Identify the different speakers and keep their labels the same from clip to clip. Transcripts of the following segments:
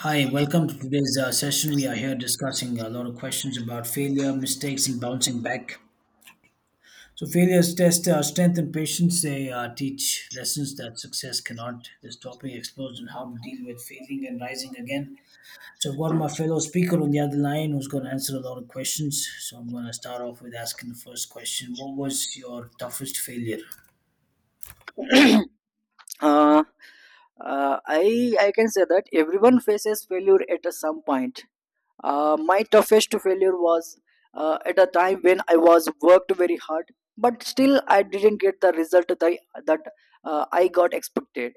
Speaker 1: Hi, welcome to today's session. We are here discussing a lot of questions about failure, mistakes, and bouncing back. So, failures test strength and patience. They teach lessons that success cannot. This topic explores on how to deal with failing and rising again. So, I've got my fellow speaker on the other line who's going to answer a lot of questions. So, I'm going to start off with asking the first question. What was your toughest failure?
Speaker 2: uh, I can say that everyone faces failure at a some point. My toughest failure was at a time when I was worked very hard, but still I didn't get the result that I got expected,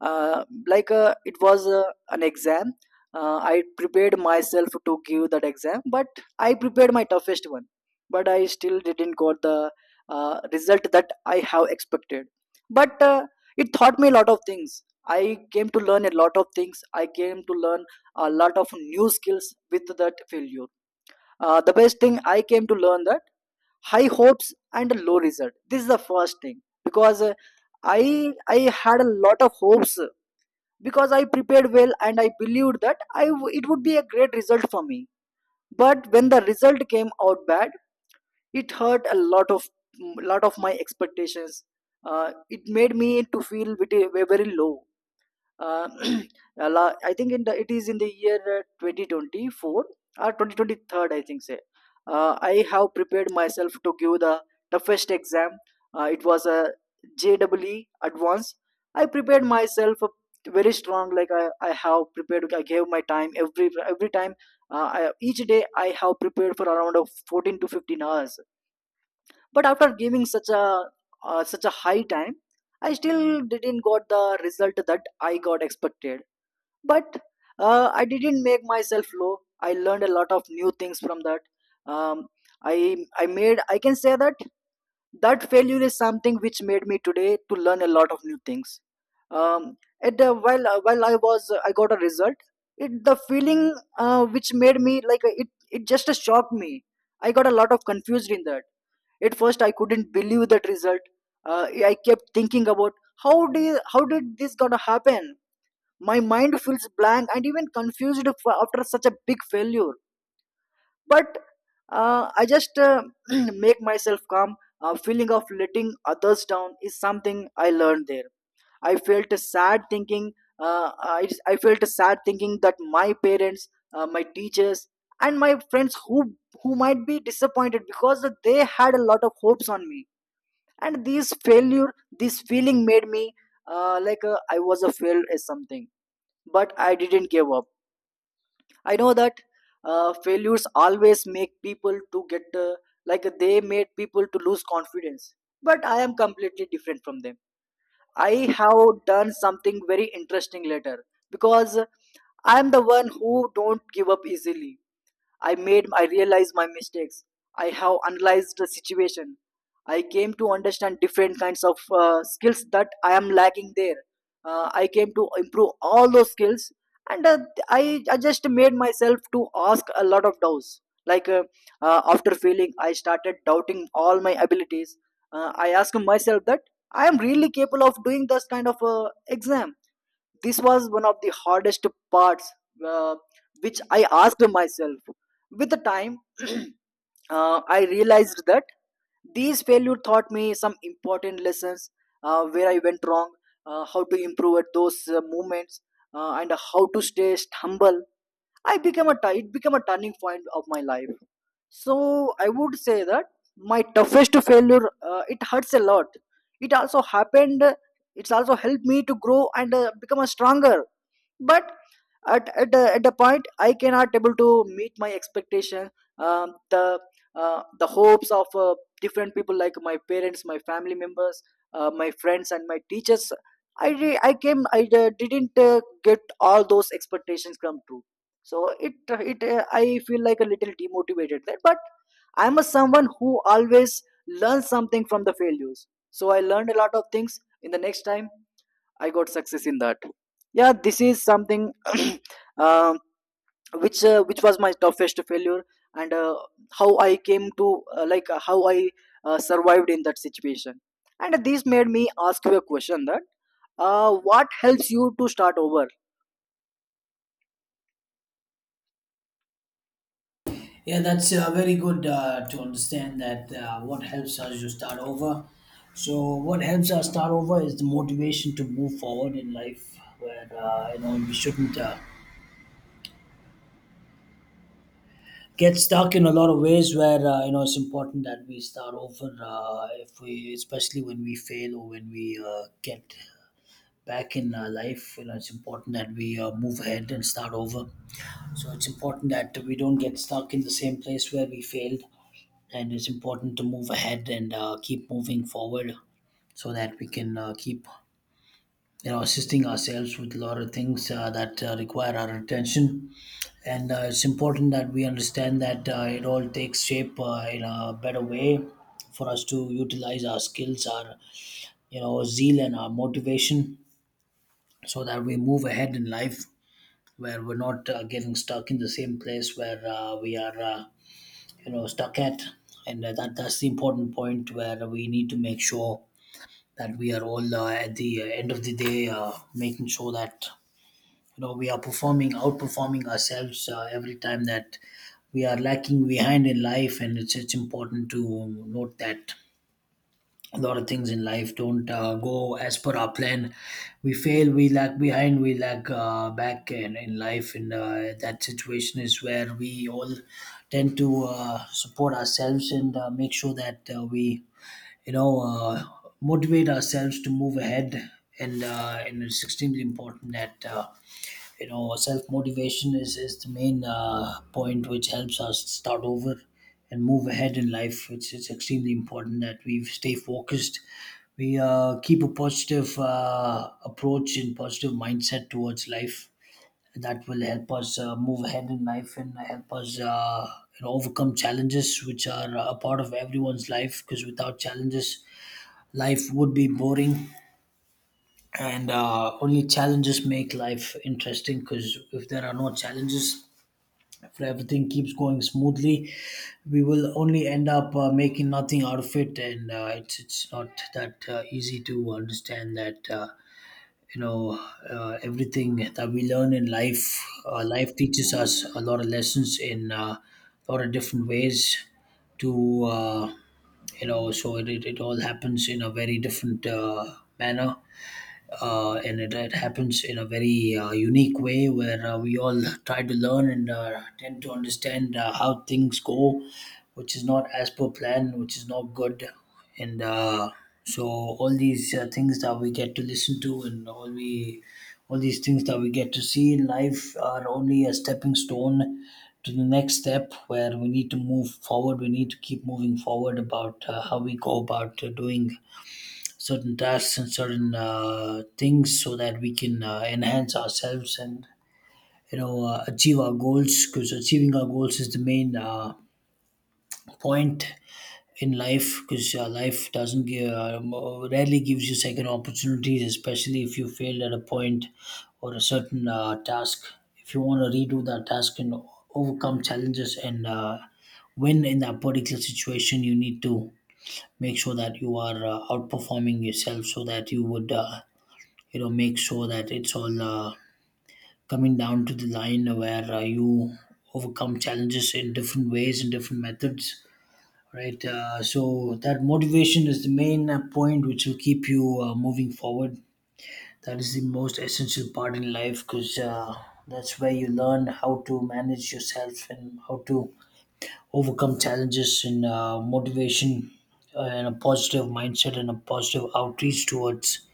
Speaker 2: like it was an exam. I prepared myself to give that exam, but I prepared my toughest one, but I still didn't got the result that I have expected. But it taught me a lot of things. I came to learn a lot of things. I came to learn a lot of new skills with that failure. The best thing I came to learn that high hopes and low result, this is the first thing, because i I had a lot of hopes, because I prepared well and I believed that it would be a great result for me. But when the result came out bad, it hurt a lot of my expectations. It made me to feel very low. uh, I think it is in the year 2024 or 2023, I think. Say, I have prepared myself to give the toughest exam. It was a JEE Advanced. I prepared myself very strong. Like I have prepared. I gave my time every time. Each day I have prepared for around of 14 to 15 hours. But after giving such a high time, I still didn't got the result that I got expected, but I didn't make myself low. I learned a lot of new things from that. um, i I can say that that failure is something which made me today to learn a lot of new things. Um, at the, while uh, while i was I got a result, it the feeling, which made me, like, it just shocked me. I got a lot of confused in that. At first, I couldn't believe that result. uh, I kept thinking about how did this gonna happen. My mind feels blank and even confused after such a big failure. But I just make myself calm. A feeling of letting others down is something I learned there. I felt sad thinking uh, I, I felt sad thinking that my parents, my teachers, and my friends who might be disappointed because they had a lot of hopes on me. And this failure, this feeling made me like I was a failed as something. But I didn't give up. I know that failures always make people to get, like, they made people to lose confidence. But I am completely different from them. I have done something very interesting later, because I am the one who don't give up easily. I realized my mistakes. I have analyzed the situation. I came to understand different kinds of skills that I am lacking there. I came to improve all those skills, and I just made myself to ask a lot of doubts. Like, after failing, I started doubting all my abilities. I asked myself that I am really capable of doing this kind of exam. This was one of the hardest parts, uh, which I asked myself. With the time, I realized that these failure taught me some important lessons: where I went wrong, how to improve at those moments, and how to stay humble. I became a t- it became a turning point of my life. So I would say that my toughest failure, it hurts a lot. It also happened, it's also helped me to grow and become a stronger. But at a point, I cannot able to meet my expectation, um, the the hopes of different people like my parents, my family members, my friends, and my teachers. I re- i came i uh, didn't get all those expectations come true. So it I feel like a little demotivated there, but I'm a someone who always learns something from the failures. So I learned a lot of things in the next time. I got success in that. Yeah, this is something. um which was my toughest failure, and how I came to like how I survived in that situation. And this made me ask you a question that, what helps you to start over?
Speaker 1: Yeah, that's very good to understand that what helps us to start over. So, what helps us start over is the motivation to move forward in life. Where we shouldn't get stuck in a lot of ways. Where it's important that we start over. If we, especially when we fail or when we get back in life, it's important that we move ahead and start over. So it's important that we don't get stuck in the same place where we failed, and it's important to move ahead and keep moving forward so that we can keep assisting ourselves with a lot of things that require our attention. And it's important that we understand that it all takes shape in a better way for us to utilize our skills, our zeal and our motivation so that we move ahead in life, where we're not getting stuck in the same place where we are stuck at. And that's the important point where we need to make sure that we are all at the end of the day making sure that we are performing, outperforming ourselves every time that we are lacking behind in life. And it's important to note that a lot of things in life don't go as per our plan. We fail, we lag behind, we lag back in life, and that situation is where we all tend to support ourselves and make sure that we you know uh, motivate ourselves to move ahead. And it's extremely important that self motivation is the main point which helps us start over and move ahead in life. It's extremely important that we stay focused, we keep a positive approach and positive mindset towards life. That will help us move ahead in life and help us overcome challenges, which are a part of everyone's life, because without challenges life would be boring. And only challenges make life interesting, because if there are no challenges, if everything keeps going smoothly, we will only end up making nothing out of it. And it's not that easy to understand that you know everything that we learn in life, life teaches us a lot of lessons in a lot of different ways to so it all happens in a very different manner. And it happens in a very unique way where we all try to learn and tend to understand how things go, which is not as per plan, which is not good. And so all these things that we get to listen to and all these things that we get to see in life are only a stepping stone to the next step, where we need to move forward. We need to keep moving forward about how we go about doing certain tasks and certain things so that we can enhance ourselves and achieve our goals, because achieving our goals is the main point in life, because life doesn't give rarely gives you second opportunities, especially if you failed at a point or a certain task. If you want to redo that task and overcome challenges and win in that particular situation, you need to make sure that you are outperforming yourself so that you would make sure that it's all coming down to the line where you overcome challenges in different ways and different methods. Right, so that motivation is the main point which will keep you moving forward. That is the most essential part in life, because that's where you learn how to manage yourself and how to overcome challenges. And motivation and a positive mindset and a positive outreach towards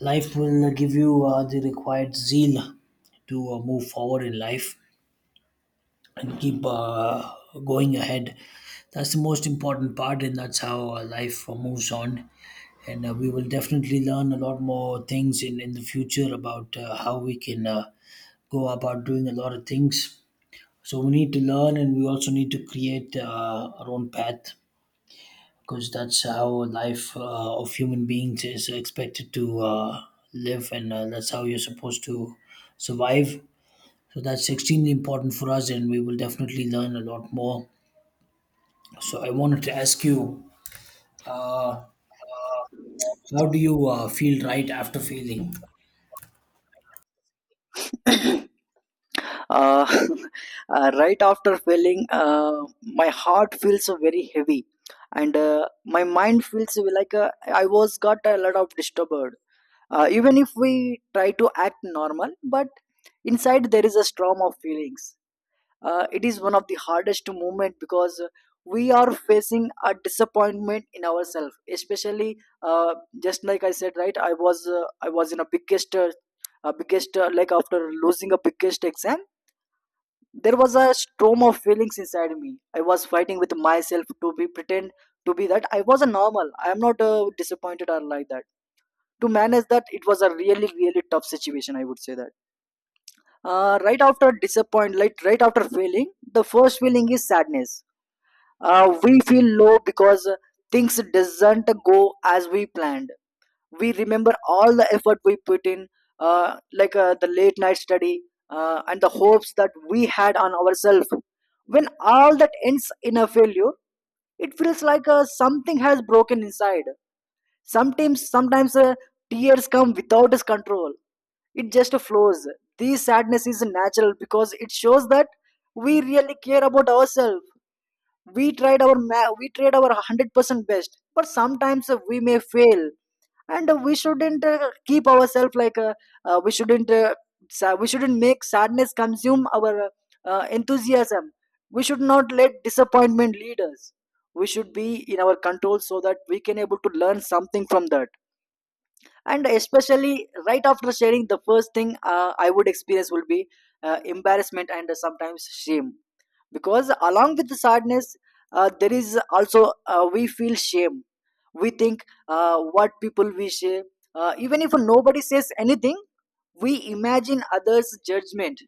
Speaker 1: life will give you the required zeal to move forward in life and keep going ahead. That's the most important part, and that's how life moves on. And we will definitely learn a lot more things in the future about how we can go about doing a lot of things. So we need to learn, and we also need to create our own path, because that's how life of human beings is expected to live, and that's how you're supposed to survive. So that's extremely important for us, and we will definitely learn a lot more. So I wanted to ask you, uh, how do you feel right after failing?
Speaker 2: uh, right after failing, my heart feels very heavy, and my mind feels like I was got a lot of disturbed. Even if we try to act normal, but inside there is a storm of feelings. It is one of the hardest moment, because we are facing a disappointment in ourselves, especially uh, just like I said. Right, I was in a biggest, like after losing a biggest exam. There was a storm of feelings inside me. I was fighting with myself to be pretend to be that I was a normal, I am not disappointed or like that. To manage that, it was a really really tough situation, I would say that. Right after disappointment, like right after failing, the first feeling is sadness. We feel low because things doesn't go as we planned. We remember all the effort we put in, like the late night study, and the hopes that we had on ourselves. When all that ends in a failure, it feels like something has broken inside. Sometimes, tears come without his control. It just flows. This sadness is natural because it shows that we really care about ourselves. We tried our 100% best, but sometimes we may fail, and we shouldn't keep ourselves like, uh, we shouldn't uh, we shouldn't make sadness consume our enthusiasm. We should not let disappointment lead us. We should be in our control so that we can able to learn something from that. And especially right after sharing, the first thing I would experience will be embarrassment and sometimes shame, because along with the sadness, there is also, we feel shame. We think, what people we say. Even if nobody says anything, we imagine others judgment,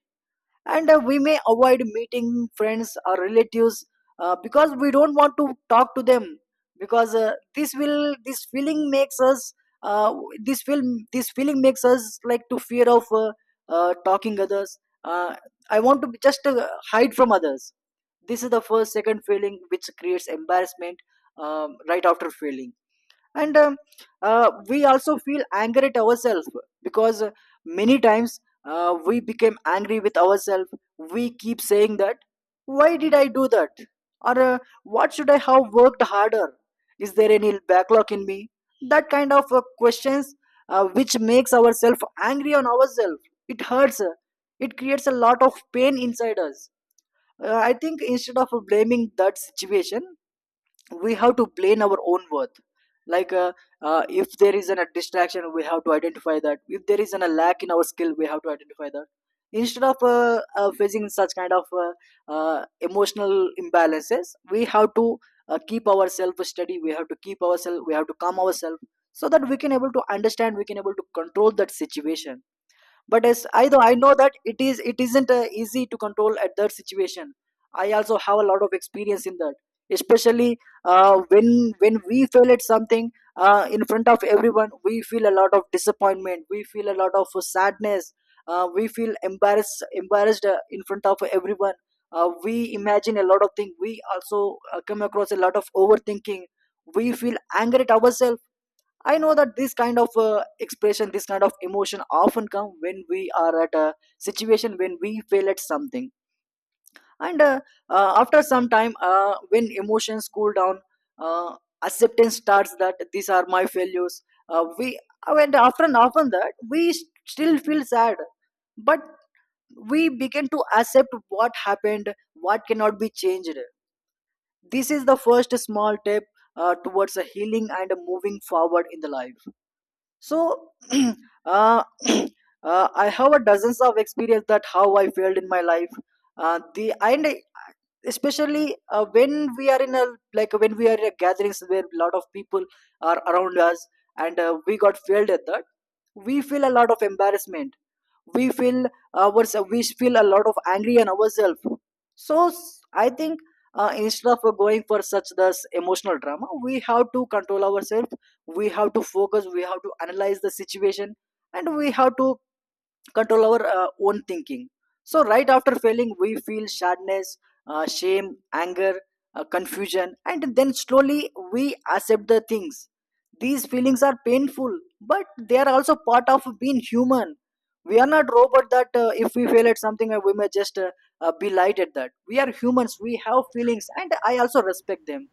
Speaker 2: and we may avoid meeting friends or relatives, because we don't want to talk to them, because this feeling makes us, uh, this feeling makes us like to fear of talking others. uh, I want to just hide from others. This is the first second feeling which creates embarrassment, right after failing. And we also feel angry at ourselves, because many times we became angry with ourselves. We keep saying that, why did I do that? Or what should I have worked harder? Is there any backlog in me? That kind of questions, which makes ourselves angry on ourselves. It hurts, it creates a lot of pain inside us. I think, instead of blaming that situation, we have to plan our own worth. Like, if there is a distraction, we have to identify that. If there is a lack in our skill, we have to identify that. Instead of facing such kind of emotional imbalances, we have to keep ourselves steady. We have to calm ourselves, so that we can able to understand, we can able to control that situation. But as I know, that it isn't easy to control at that situation. I also have a lot of experience in that, especially when we fail at something, in front of everyone. We feel a lot of disappointment, we feel a lot of sadness, we feel embarrassed in front of everyone. We imagine a lot of things, we also come across a lot of overthinking. We feel angry at ourselves. I know that this kind of expression, this kind of emotion often come when we are at a situation when we fail at something. And after some time, when emotions cool down, uh, acceptance starts that these are my failures. We And often that we still feel sad, but we begin to accept what happened, what cannot be changed. This is the first small step towards a healing and a moving forward in the life. So I have a dozens of experience that how I failed in my life. uh, the and I- Especially when we are in a, gatherings where a lot of people are around us, and we got failed at that. We feel a lot of embarrassment, we feel we feel a lot of angry on ourselves. So, I think instead of going for such this emotional drama, we have to control ourselves. We have to focus, we have to analyze the situation, and we have to control our own thinking. So, right after failing, we feel sadness, shame, anger, confusion, and then slowly we accept the things. These feelings are painful, but they are also part of being human. We are not robot that, if we fail at something, we may just be light at that. We are humans, we have feelings, and I also respect them.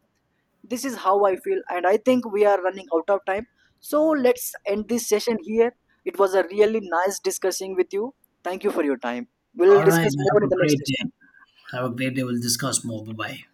Speaker 2: This is how I feel, and I think we are running out of time, so let's end this session here. It was a really nice discussing with you. Thank you for your time. We'll
Speaker 1: All right,
Speaker 2: discuss more
Speaker 1: have
Speaker 2: in
Speaker 1: a
Speaker 2: the next
Speaker 1: great day.
Speaker 2: session.
Speaker 1: Have a great day, we'll discuss more. Bye bye.